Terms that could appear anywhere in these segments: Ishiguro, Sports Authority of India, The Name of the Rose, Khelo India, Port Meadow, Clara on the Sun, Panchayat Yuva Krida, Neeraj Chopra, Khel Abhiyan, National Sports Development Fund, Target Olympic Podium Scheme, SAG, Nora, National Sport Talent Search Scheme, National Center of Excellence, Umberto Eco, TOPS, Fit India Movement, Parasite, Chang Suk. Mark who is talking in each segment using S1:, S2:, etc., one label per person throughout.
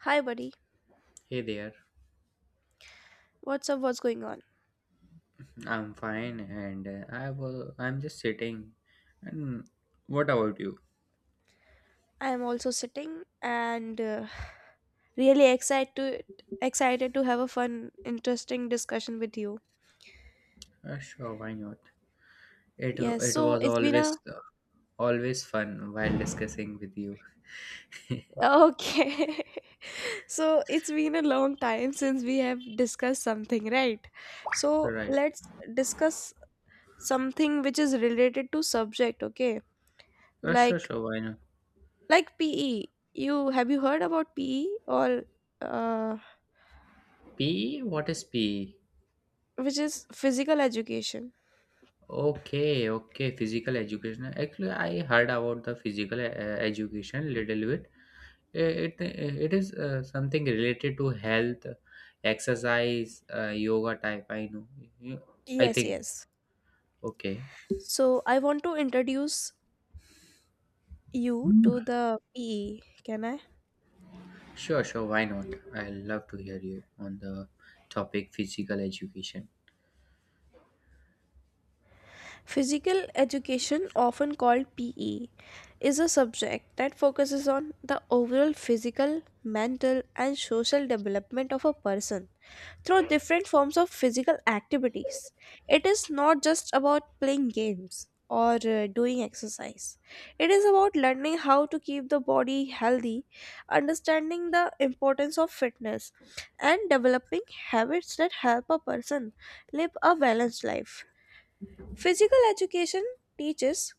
S1: Hi, buddy.
S2: Hey there,
S1: What's up? What's going on?
S2: I'm fine and I'm just sitting. And what about you?
S1: I am also sitting and really excited to excited to have a fun, interesting discussion with you.
S2: Sure, why not? It
S1: Yes.
S2: it
S1: So
S2: was
S1: it's been a
S2: always always fun while discussing with you.
S1: okay. so it's been a long time since we have discussed something, right? So
S2: Right.
S1: let's discuss something which is related to subject. Okay,
S2: Sure,
S1: like
S2: sure, why not?
S1: like PE. You heard about PE or uh,
S2: PE? What is PE?
S1: which is physical education?
S2: Okay, okay, physical education. Actually, I heard about the physical education little bit. It, it is something related to health, exercise, yoga type. I know. You- I
S1: Yes.
S2: think.
S1: Yes.
S2: Okay.
S1: So I want to introduce you to the PE. Can I?
S2: Sure, sure. Why not? I love to hear you on the topic physical education.
S1: Physical education, often called PE, is a subject that focuses on the overall physical, mental, and social development of a person through different forms of physical activities. It is not just about playing games or doing exercise. It is about learning how to keep the body healthy, understanding the importance of fitness, and developing habits that help a person live a balanced life. Physical education teaches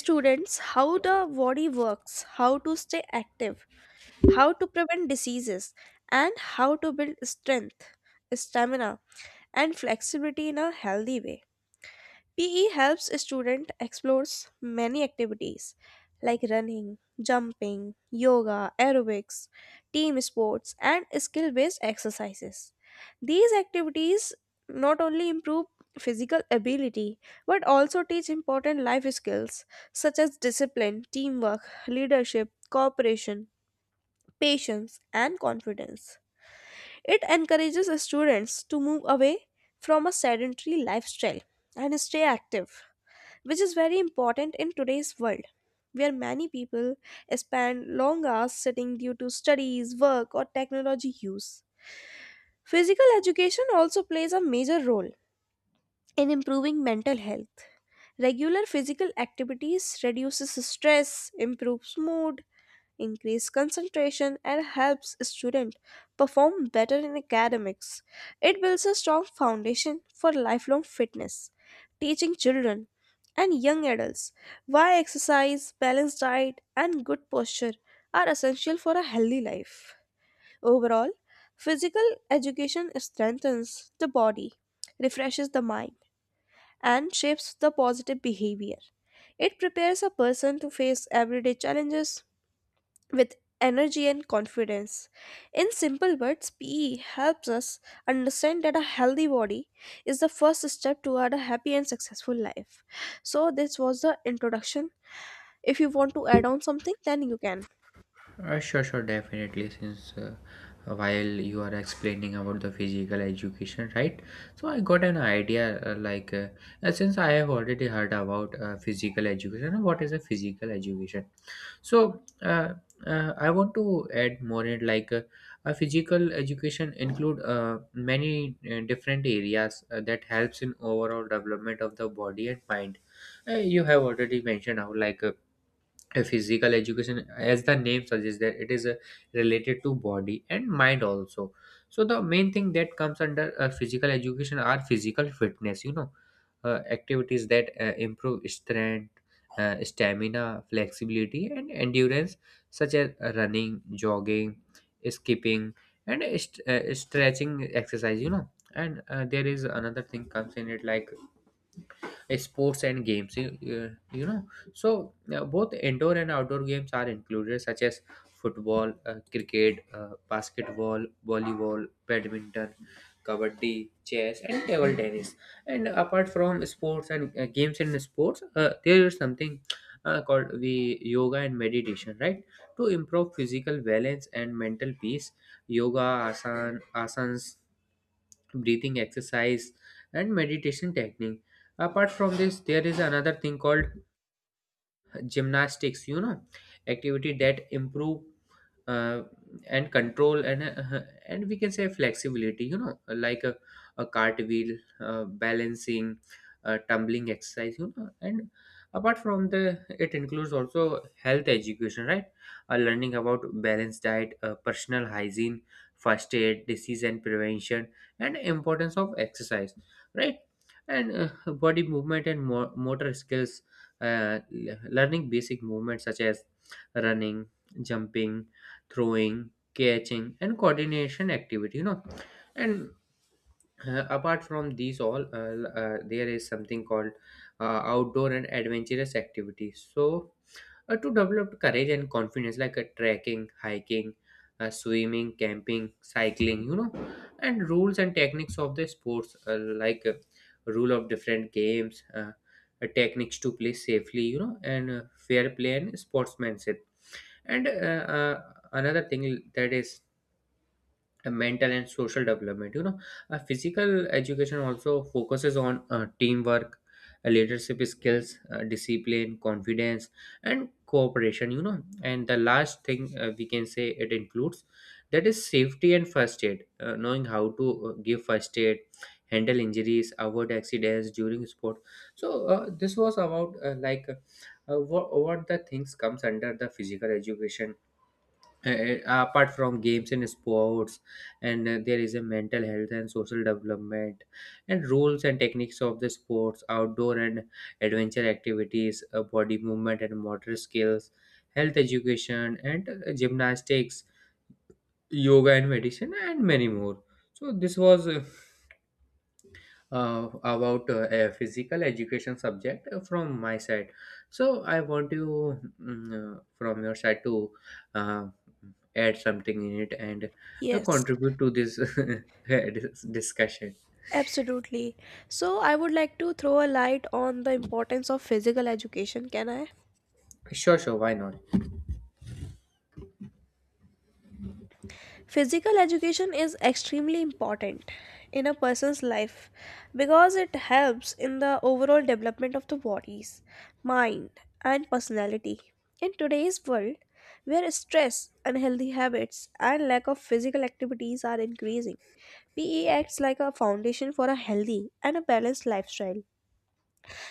S1: students how the body works, how to stay active, how to prevent diseases, and how to build strength, stamina, and flexibility in a healthy way. PE helps a student explores many activities like running, jumping, yoga, aerobics, team sports and skill-based exercises. These activities not only improve physical ability but also teach important life skills such as discipline, teamwork, leadership, cooperation, patience and confidence. It encourages students to move away from a sedentary lifestyle and stay active, which is very important in today's world, where many people spend long hours sitting due to studies, work, or technology use. Physical education also plays a major role in improving mental health. Regular physical activities reduces stress, improves mood, increase concentration, and helps students perform better in academics. It builds a strong foundation for lifelong fitness, teaching children and young adults why exercise, balanced diet, and good posture are essential for a healthy life. Overall, physical education strengthens the body, refreshes the mind, and shapes the positive behavior. It prepares a person to face everyday challenges with energy and confidence. In simple words, PE helps us understand that a healthy body is the first step toward a happy and successful life. So, this was the introduction. If you want to add on something, then you can.
S2: Sure, sure, definitely. Since while you are explaining about the physical education, right? So I got an idea. Since I have already heard about physical education, what is a physical education? So I want to add more in. A physical education include many different areas that helps in overall development of the body and mind. You have already mentioned how like. A physical education, as the name suggests, that it is related to body and mind also, so the main thing that comes under physical education are physical fitness, activities that improve strength, stamina, flexibility and endurance, such as running, jogging, skipping and stretching exercise, and there is another thing comes in it, like sports and games, you know. So both indoor and outdoor games are included, such as football, cricket, basketball, volleyball, badminton, kabaddi, chess and table tennis. And apart from sports and games in sports, there is something called the yoga and meditation, right? To improve physical balance and mental peace: yoga, asans, breathing exercise and meditation technique. Apart from this, there is another thing called gymnastics, you know, activity that improve uh, and control and we can say flexibility, you know, like a cartwheel, balancing, tumbling exercise, and apart from the, it includes also health education, right? Learning about balanced diet, personal hygiene, first aid, disease and prevention, and importance of exercise, right? And body movement and motor skills, learning basic movements such as running, jumping, throwing, catching and coordination activity, and apart from these all, there is something called outdoor and adventurous activities. So to develop courage and confidence, like trekking, hiking, swimming, camping, cycling, you know. And rules and techniques of the sports, like uh, rule of different games, techniques to play safely, you know, and fair play and sportsmanship. And uh, another thing that is mental and social development, you know. Uh, physical education also focuses on teamwork, leadership skills, discipline, confidence and cooperation, you know. And the last thing we can say it includes, that is safety and first aid, knowing how to give first aid, handle injuries, avoid accidents during sport. So this was about what the things comes under the physical education, apart from games and sports. And there is a mental health and social development, and rules and techniques of the sports, outdoor and adventure activities, body movement and motor skills, health education and gymnastics, yoga and medicine, and many more. So this was about a physical education subject from my side. So I want you, from your side, to uh, add something in it and
S1: Yes,
S2: contribute to this discussion.
S1: absolutely. So, I would like to throw a light on the importance of physical education. Can I?
S2: Sure, sure, why not?
S1: Physical education is extremely important in a person's life because it helps in the overall development of the body's mind, and personality. In today's world, where stress, unhealthy habits, and lack of physical activities are increasing, PE acts like a foundation for a healthy and a balanced lifestyle.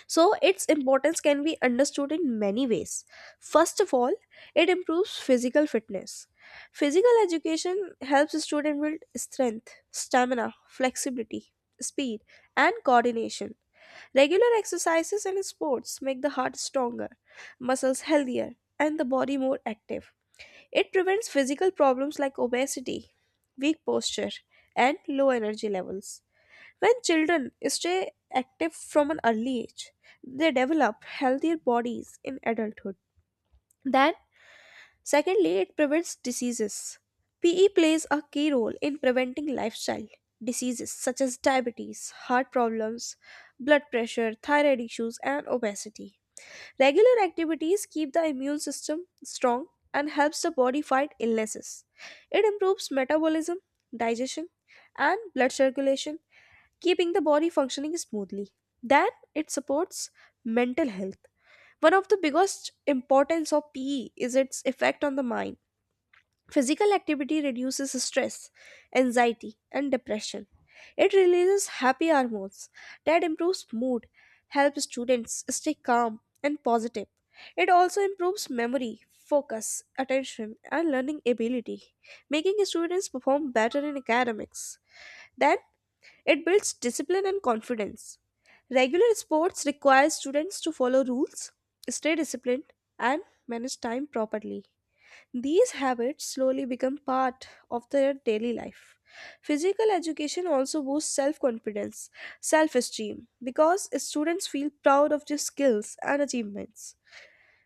S1: So, its importance can be understood in many ways. First of all, it improves physical fitness. Physical education helps students build strength, stamina, flexibility, speed, and coordination. Regular exercises and sports make the heart stronger, muscles healthier, and the body more active. It prevents physical problems like obesity, weak posture, and low energy levels. When children stay active from an early age, they develop healthier bodies in adulthood. Then, secondly, it prevents diseases. PE plays a key role in preventing lifestyle diseases such as diabetes, heart problems, blood pressure, thyroid issues, and obesity. Regular activities keep the immune system strong and helps the body fight illnesses. It improves metabolism, digestion, and blood circulation keeping the body functioning smoothly. Then it supports mental health. One of the biggest importance of PE is its effect on the mind. Physical activity reduces stress, anxiety, and depression. It releases happy hormones that improves mood, helps students stay calm and positive. It also improves memory, focus, attention, and learning ability, making students perform better in academics. Then it builds discipline and confidence. Regular sports require students to follow rules, stay disciplined, and manage time properly. These habits slowly become part of their daily life. Physical education also boosts self confidence, self esteem, because students feel proud of their skills and achievements.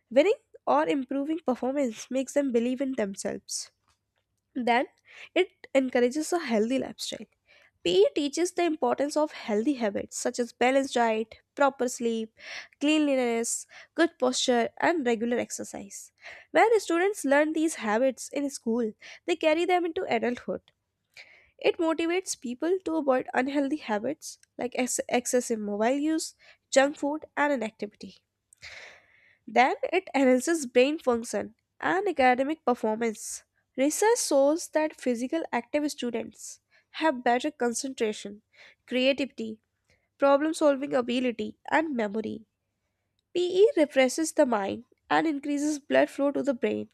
S1: Winning or improving performance makes them believe in themselves. Then it encourages a healthy lifestyle. PE teaches the importance of healthy habits such as balanced diet, proper sleep, cleanliness, good posture, and regular exercise. When students learn these habits in school, they carry them into adulthood. It motivates people to avoid unhealthy habits like excessive mobile use, junk food, and inactivity. Then it enhances brain function and academic performance. Research shows that physical active students have better concentration, creativity, problem solving ability, and memory. PE refreshes the mind and increases blood flow to the brain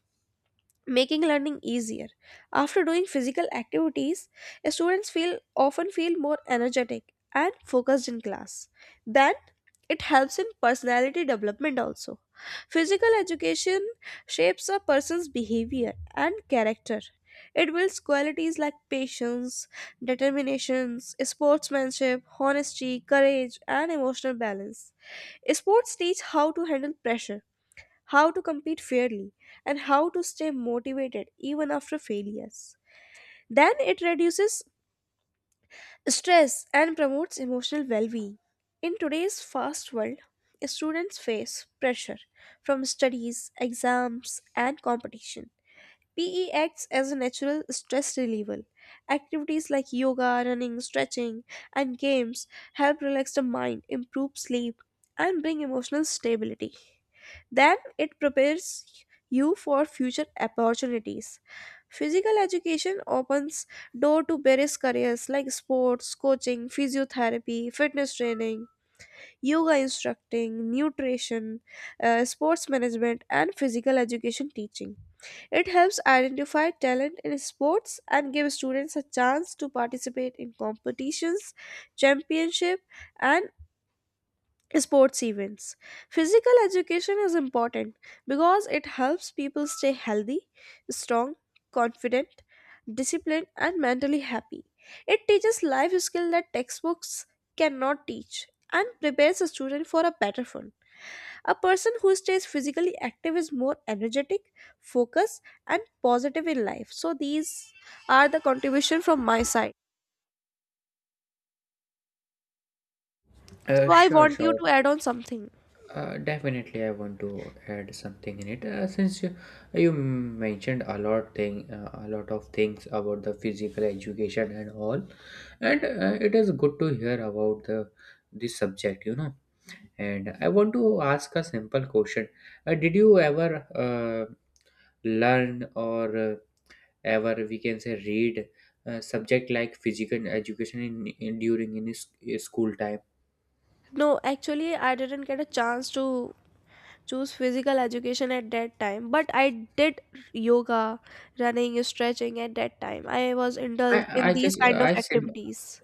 S1: making learning easier. After doing physical activities, students feel often feel more energetic and focused in class. Then it helps in personality development also. Physical education shapes a person's behavior and character. It builds qualities like patience, determinations, sportsmanship, honesty, courage, and emotional balance. Sports teach how to handle pressure, how to compete fairly, and how to stay motivated even after failures. Then it reduces stress and promotes emotional well being. In today's fast world, students face pressure from studies, exams, and competition. PE acts as a natural stress reliever. Activities like yoga, running, stretching, and games help relax the mind, improve sleep, and bring emotional stability. Then it prepares you for future opportunities. Physical education opens door to various careers like sports, coaching, physiotherapy, fitness training, yoga instructing, nutrition, sports management, and physical education teaching. It helps identify talent in sports and give students a chance to participate in competitions, championship, and sports events. Physical education is important because it helps people stay healthy, strong, confident, disciplined, and mentally happy. It teaches life skills that textbooks cannot teach and prepares a student for a better one. A person who stays physically active is more energetic, focused, and positive in life. So these are the contribution from my side. So I
S2: Sure,
S1: want you
S2: sure.
S1: to add on something.
S2: Definitely, I want to add something in it. Since you mentioned a lot thing, a lot of things about the physical education and all, and it is good to hear about the this subject, you know. And I want to ask a simple question. Did you ever learn or ever we can say read subject like physical education in school time?
S1: No, actually I didn't get a chance to choose physical education at that time, but I did yoga, running, stretching at that time. I was indulged in
S2: I
S1: these
S2: just
S1: kind of
S2: I sim
S1: activities.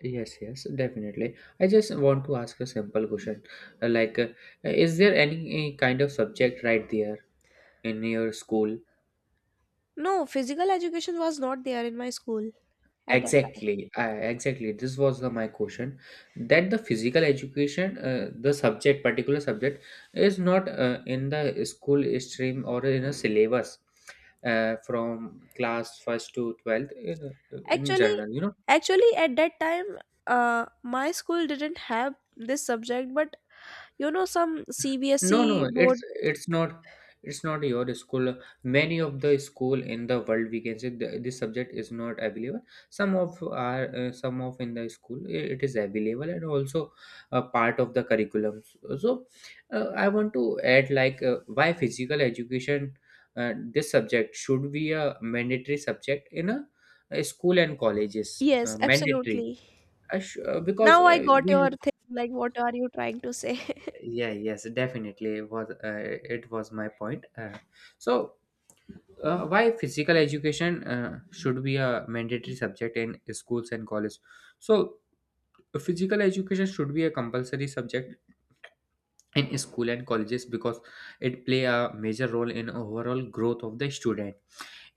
S2: Yes, yes, definitely. I just want to ask a simple question. Uh, like, uh, is there any kind of subject right there in your school?
S1: No, physical education was not there in my school at that time.
S2: Exactly, exactly. This was my question, that the physical education, the subject, particular subject, is not in the school stream or in a syllabus from class first to twelfth, in
S1: Actually,
S2: general, you know.
S1: actually, at that time, my school didn't have this subject, but you know, some
S2: No,
S1: CBSE
S2: no, it's
S1: board.
S2: it's not it's not your school. Many of the school in the world, we can say the, this subject is not available. Some of are some of in the school it is available and also a part of the curriculum. So, I want to add like, why physical education, this subject should be a mandatory subject in a school and colleges,
S1: Yes,
S2: mandatory.
S1: absolutely.
S2: I sh- because
S1: Now I got
S2: we
S1: your thing. Like, what are you trying to say?
S2: yeah yes, definitely, it was my point. So why physical education should be a mandatory subject in schools and college? So physical education should be a compulsory subject in school and colleges, because it play a major role in overall growth of the student.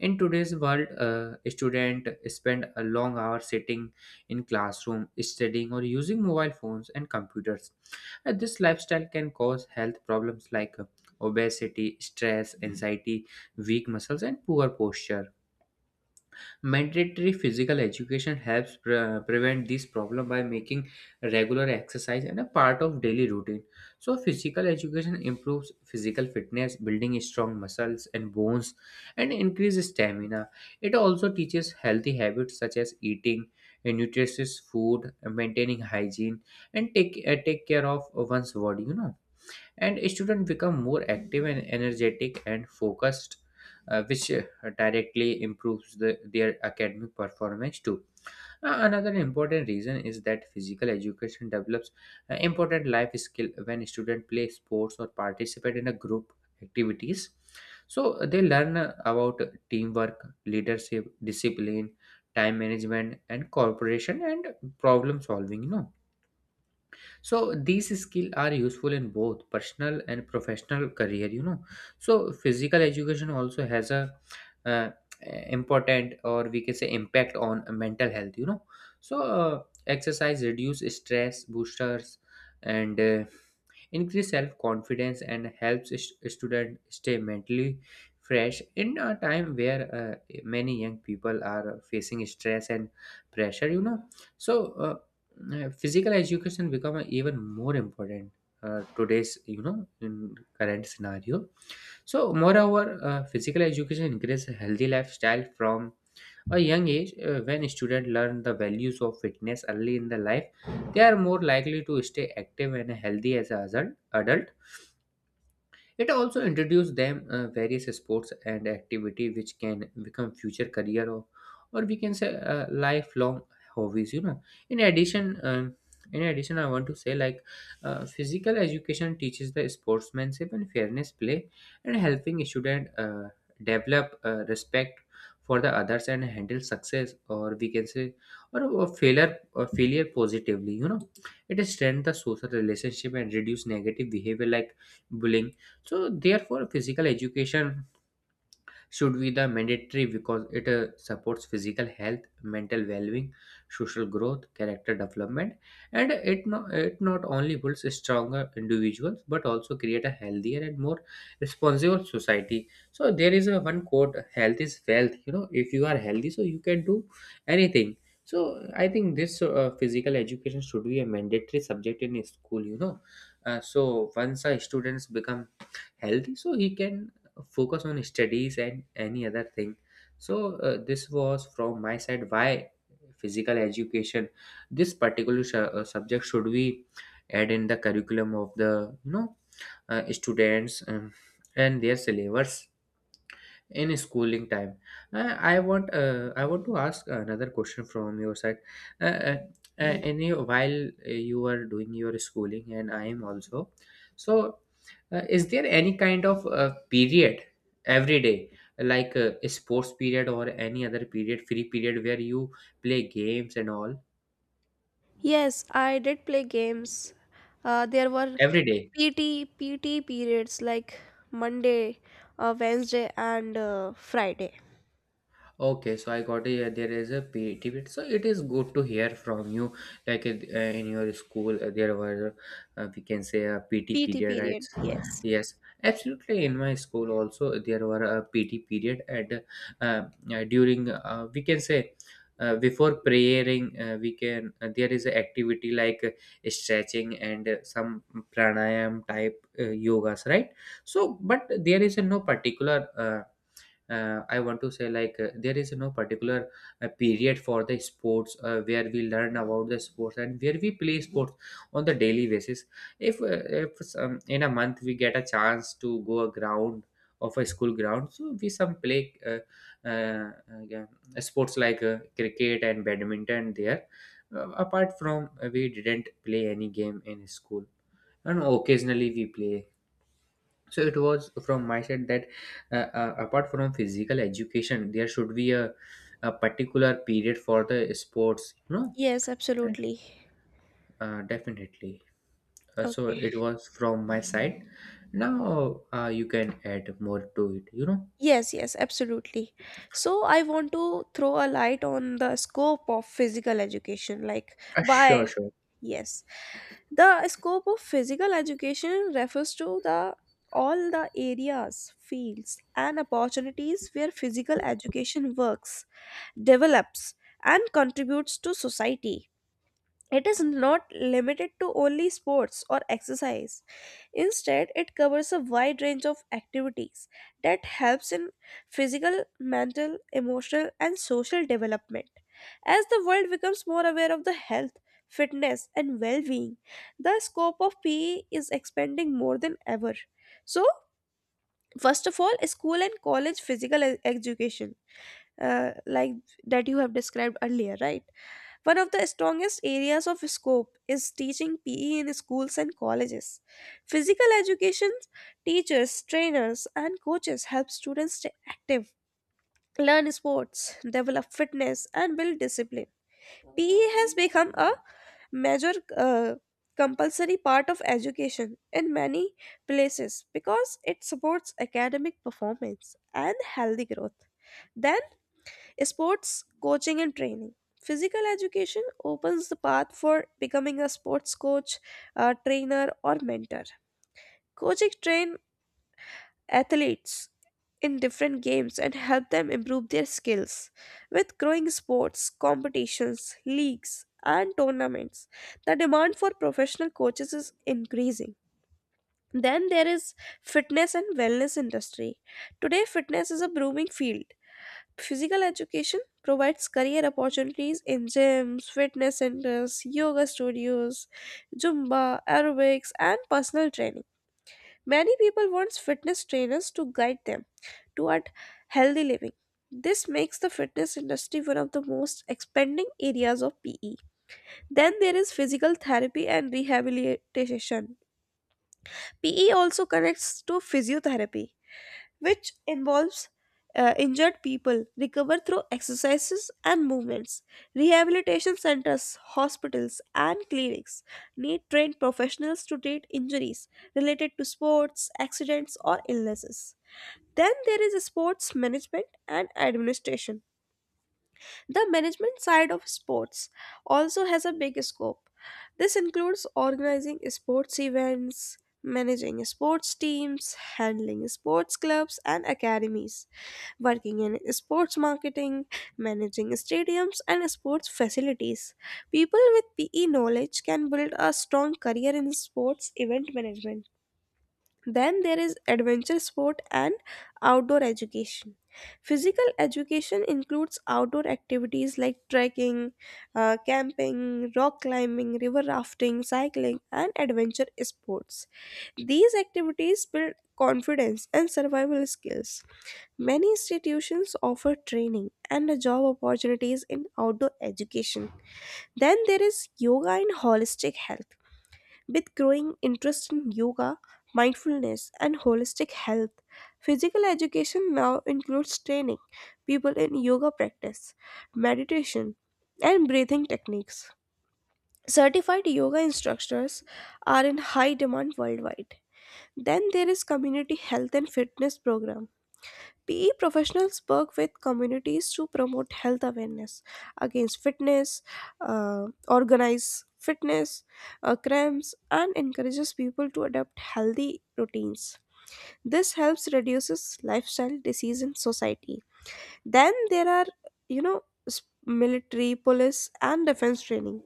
S2: In today's world, students spend a long hour sitting in classroom, studying or using mobile phones and computers. This lifestyle can cause health problems like obesity, stress, anxiety, weak muscles and poor posture. Mandatory physical education helps prevent this problem by making regular exercise and a part of daily routine. So, physical education improves physical fitness, building strong muscles and bones, and increases stamina. It also teaches healthy habits such as eating nutritious food, maintaining hygiene, and take care of one's body, you know. And students become more active and energetic and focused, which directly improves their academic performance too. Another important reason is that physical education develops important life skill. When students play sports or participate in a group activities, so they learn about teamwork, leadership, discipline, time management and cooperation and problem solving, you know. So these skills are useful in both personal and professional career, you know. So physical education also has a uh, important, or we can say impact, on mental health, you know. So exercise reduce stress boosters, and increase self confidence and helps student stay mentally fresh in a time where many young people are facing stress and pressure, you know. So physical education become a even more important today's, you know, in current scenario. So moreover, physical education increases a healthy lifestyle from a young age. Uh, when students learn the values of fitness early in the life, they are more likely to stay active and healthy as an adult. It also introduced them various sports and activity, which can become future career, or we can say lifelong hobbies, you know. in addition, um, in addition, I want to say like physical education teaches the sportsmanship and fairness play, and helping student develop respect for the others and handle success, or we can say or failure positively, you know. It strengthens the social relationship and reduce negative behavior like bullying. So therefore physical education should be the mandatory, because it supports physical health, mental well-being, social growth, character development. And it not only builds stronger individuals but also create a healthier and more responsible society. So there is a one quote: health is wealth, you know. If you are healthy, so you can do anything. So I think this physical education should be a mandatory subject in school, you know. Uh, so once a students become healthy, so he can focus on studies and any other thing. So this was from my side, why physical education, this particular subject should we add in the curriculum of the, you know, students, and their syllabus in schooling time. I want to ask another question from your side. uh, uh, Yeah. In your, while you are doing your schooling and I am also, so is there any kind of period every day, like a sports period or any other period, free period, where you play games and all,
S1: Yes, I did play games. There were
S2: every day?
S1: PT periods like Monday, Wednesday, and Friday.
S2: Okay, so I got a, there is a PET bit. So it is good to hear from you. Like in your school, there were, we can say, a PT
S1: PT
S2: period,
S1: period.
S2: right?
S1: Yes.
S2: Yes, absolutely. In my school also, there were a PT period, and uh, during we can say, uh, before praying, we can there is a activity like stretching and some pranayam type yogas, right? So, but there is a no particular. I want to say there is no particular period for the sports where we learn about the sports and where we play sports on the daily basis. If some, in a month we get a chance to go a ground of a school ground, so we some play uh, yeah, sports like cricket and badminton there. Apart from we didn't play any game in school, and occasionally we play. So it was from my side that apart from physical education there should be a particular period for the sports, you know.
S1: Yes,
S2: Right.
S1: absolutely.
S2: Definitely. So
S1: Okay.
S2: it was from my side. Now you can add more to it, you know.
S1: Yes, yes, absolutely. So I want to throw a light on the scope of physical education. Like,
S2: Sure,
S1: why?
S2: sure.
S1: Yes. The scope of physical education refers to the all the areas, fields, and opportunities where physical education works, develops, and contributes to society. It is not limited to only sports or exercise. Instead, it covers a wide range of activities that helps in physical, mental, emotional and social development. As the world becomes more aware of the health, fitness and well-being, the scope of PE is expanding more than ever. So, first of all, school and college physical education like that you have described earlier, right? One of the strongest areas of scope is teaching PE in schools and colleges. Physical education teachers, trainers, and coaches help students stay active, learn sports, develop fitness, and build discipline. PE has become a major compulsory part of education in many places because it supports academic performance and healthy growth. Then sports coaching and training. Physical education opens the path for becoming a sports coach, a trainer, or mentor. Coaching train athletes in different games and help them improve their skills. With growing sports, competitions, leagues, and tournaments, the demand for professional coaches is increasing. Then there is fitness and wellness industry. Today fitness is a booming field. Physical education provides career opportunities in gyms, fitness centers, yoga studios, Zumba, aerobics, and personal training. Many people want fitness trainers to guide them toward healthy living. This makes the fitness industry one of the most expanding areas of PE. Then there is physical therapy and rehabilitation. PE also connects to physiotherapy, which involves injured people recover through exercises and movements. Rehabilitation centers, hospitals, and clinics need trained professionals to treat injuries related to sports, accidents, or illnesses. Then there is sports management and administration, the management side of sports also has a big scope. This includes organizing sports events, managing sports teams, handling sports clubs and academies, working in sports marketing, managing stadiums and sports facilities. People with PE knowledge can build a strong career in sports event management. Then there is adventure sport and outdoor education. Physical education includes outdoor activities like trekking, camping, rock climbing, river rafting, cycling, and adventure sports. These activities build confidence and survival skills. Many institutions offer training and job opportunities in outdoor education. Then there is yoga and holistic health. With growing interest in yoga, mindfulness, and holistic health, physical education now includes training people in yoga practice, meditation, and breathing techniques. Certified yoga instructors are in high demand worldwide. Then there is community health and fitness program. PE professionals work with communities to promote health awareness against fitness, organize fitness cramps, and encourages people to adopt healthy routines. This helps reduces lifestyle disease in society. Then there are, you know, military, police, and defense training.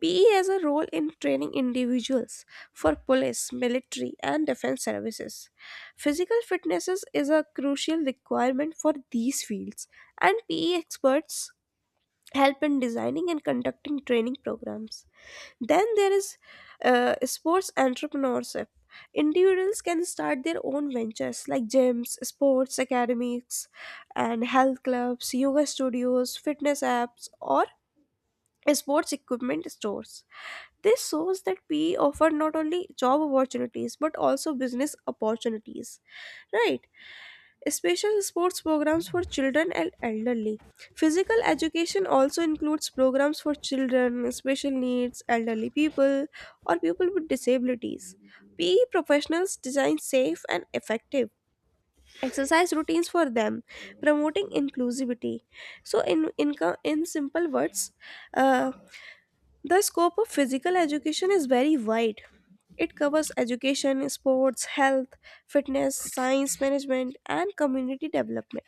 S1: PE has a role in training individuals for police, military, and defense services. Physical fitness is a crucial requirement for these fields, and PE experts help in designing and conducting training programs. Then there is sports entrepreneurship. Individuals can start their own ventures like gyms, sports academics, and health clubs, yoga studios, fitness apps, or sports equipment stores. This shows that PE offer not only job opportunities but also business opportunities, right? Special sports programs for children and elderly. Physical education also includes programs for children, special needs, elderly people, or people with disabilities. PE professionals design safe and effective exercise routines for them, promoting inclusivity. So, in simple words, uh, the scope of physical education is very wide. It covers education, sports, health, fitness, science management, and community development.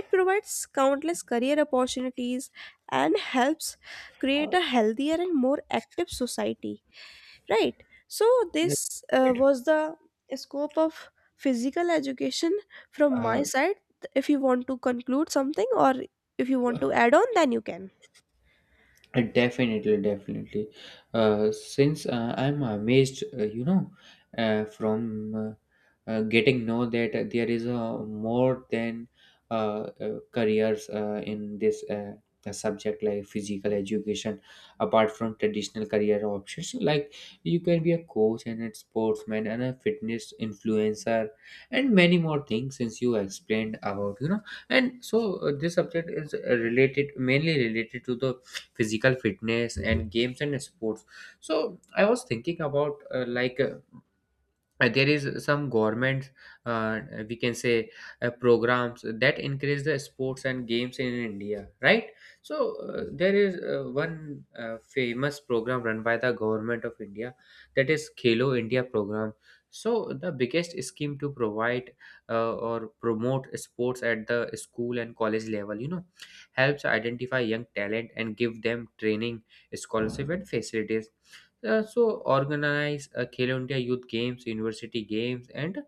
S1: It provides countless career opportunities and helps create a healthier and more active society, right? So this
S2: Right.
S1: was the scope of physical education from my
S2: Uh,
S1: side. If you want to conclude something or if you want to add on, then you can.
S2: Definitely, definitely. Since I'm amazed, you know, from getting know that there is more than careers in this the subject like physical education, apart from traditional career options. Like you can be a coach and a sportsman and a fitness influencer and many more things. Since you explained about, you know, and so this subject is related mainly related to the physical fitness and games and sports. So I was thinking about there is some government uh, we can say programs that encourage the sports and games in India, right? So there is one famous program run by the government of India. That is Khelo India program. So the biggest scheme to provide or promote sports at the school and college level, you know, helps identify young talent and give them training, scholarship and facilities. So organize Khelo India Youth Games, University Games, and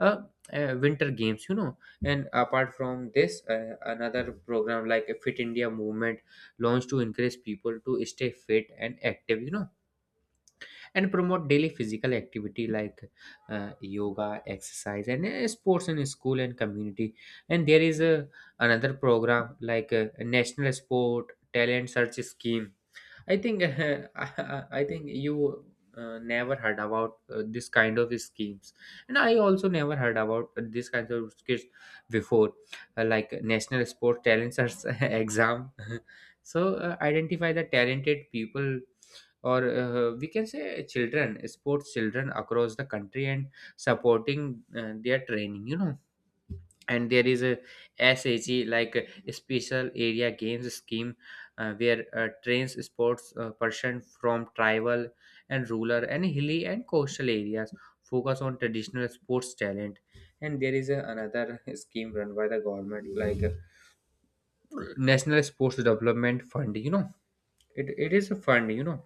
S2: uh, Winter Games. You know, and apart from this, another program like a Fit India Movement launched to encourage people to stay fit and active. You know, and promote daily physical activity like yoga, exercise, and sports in school and community. And there is a another program like a National Sport Talent Search Scheme. I think I think you never heard about this kind of schemes, and I also never heard about this kind of schemes before, like national sport talent search exam. So identify the talented people, or we can say children, sports children across the country, and supporting their training. You know, and there is a SAG, like a special area games scheme where trains sports person from tribal and rural and hilly and coastal areas, focus on traditional sports talent. And there is another scheme run by the government, like national sports development fund. You know, it is a fund, you know,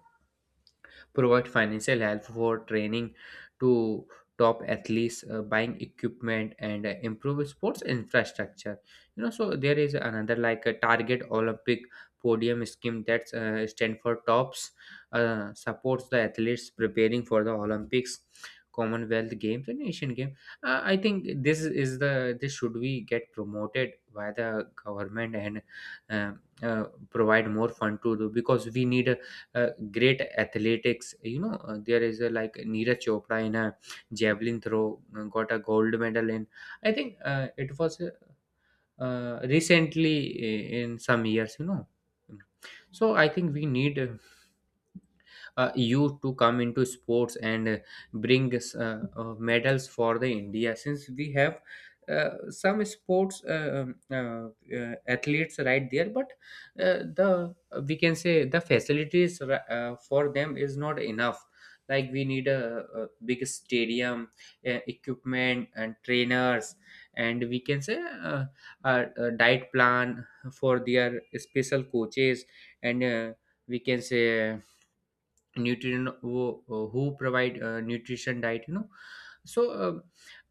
S2: provide financial help for training to top athletes, buying equipment and improve sports infrastructure. You know, so there is another like a target olympic podium scheme, that's stand for TOPS, supports the athletes preparing for the Olympics, Commonwealth Games and Asian Games. I think this is the this should be get promoted by the government, and um uh, provide more fund to do, because we need great athletics, you know. There is a like Neeraj Chopra in a javelin throw got a gold medal in, I think it was recently, in some years, you know. So I think we need you to come into sports and bring medals for the India, since we have some sports athletes right there, but the we can say the facilities for them is not enough. Like we need a big stadium, equipment and trainers, and we can say a diet plan for their special coaches, and we can say nutrient, who provide nutrition diet, you know. So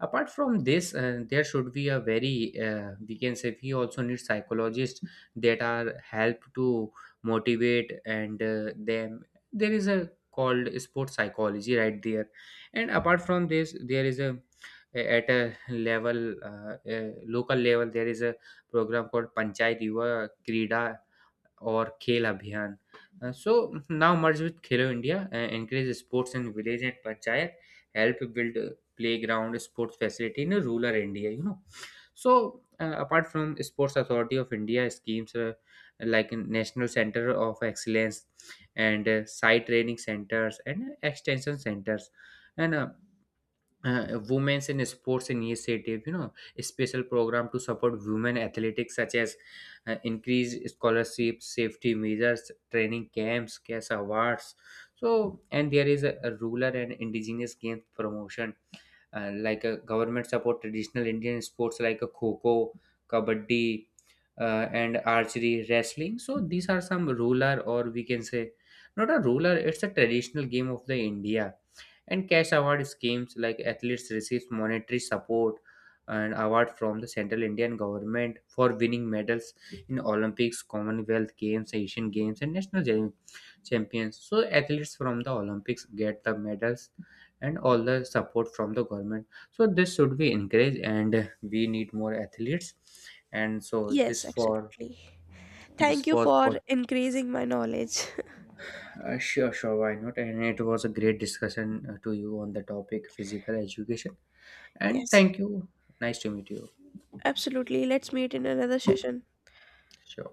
S2: apart from this there should be a very we can say we also need psychologists that are help to motivate and them. There is a called sports psychology right there. And apart from this there is a at a level local level there is a program called Panchayat Yuva Krida or Khel Abhiyan. So now merge with Khelo India, encourage sports in village and panchayat, help build playground sports facility in rural India. You know, so apart from Sports Authority of India schemes, like in National Center of Excellence and site training centers and extension centers, and women's in sports initiative, you know, a special program to support women athletics such as increased scholarships, safety measures, training camps, cash awards. So, and there is a rural and indigenous games promotion, like a government support traditional Indian sports like a kho, kabaddi and archery, wrestling. So these are some ruler, or we can say not a ruler, it's a traditional game of the India. And cash award schemes like athletes receive monetary support and award from the central Indian government for winning medals in Olympics, Commonwealth Games, Asian Games and national champions. So athletes from the Olympics get the medals and all the support from the government. So this should be encouraged and we need more athletes. And so
S1: Yes, absolutely. Thank
S2: this
S1: you
S2: was
S1: for
S2: for.
S1: increasing my knowledge.
S2: Sure, sure, why not, and it was a great discussion to you on the topic physical education. And
S1: Yes,
S2: thank you. Nice to meet you.
S1: absolutely. Let's meet in another session.
S2: Sure.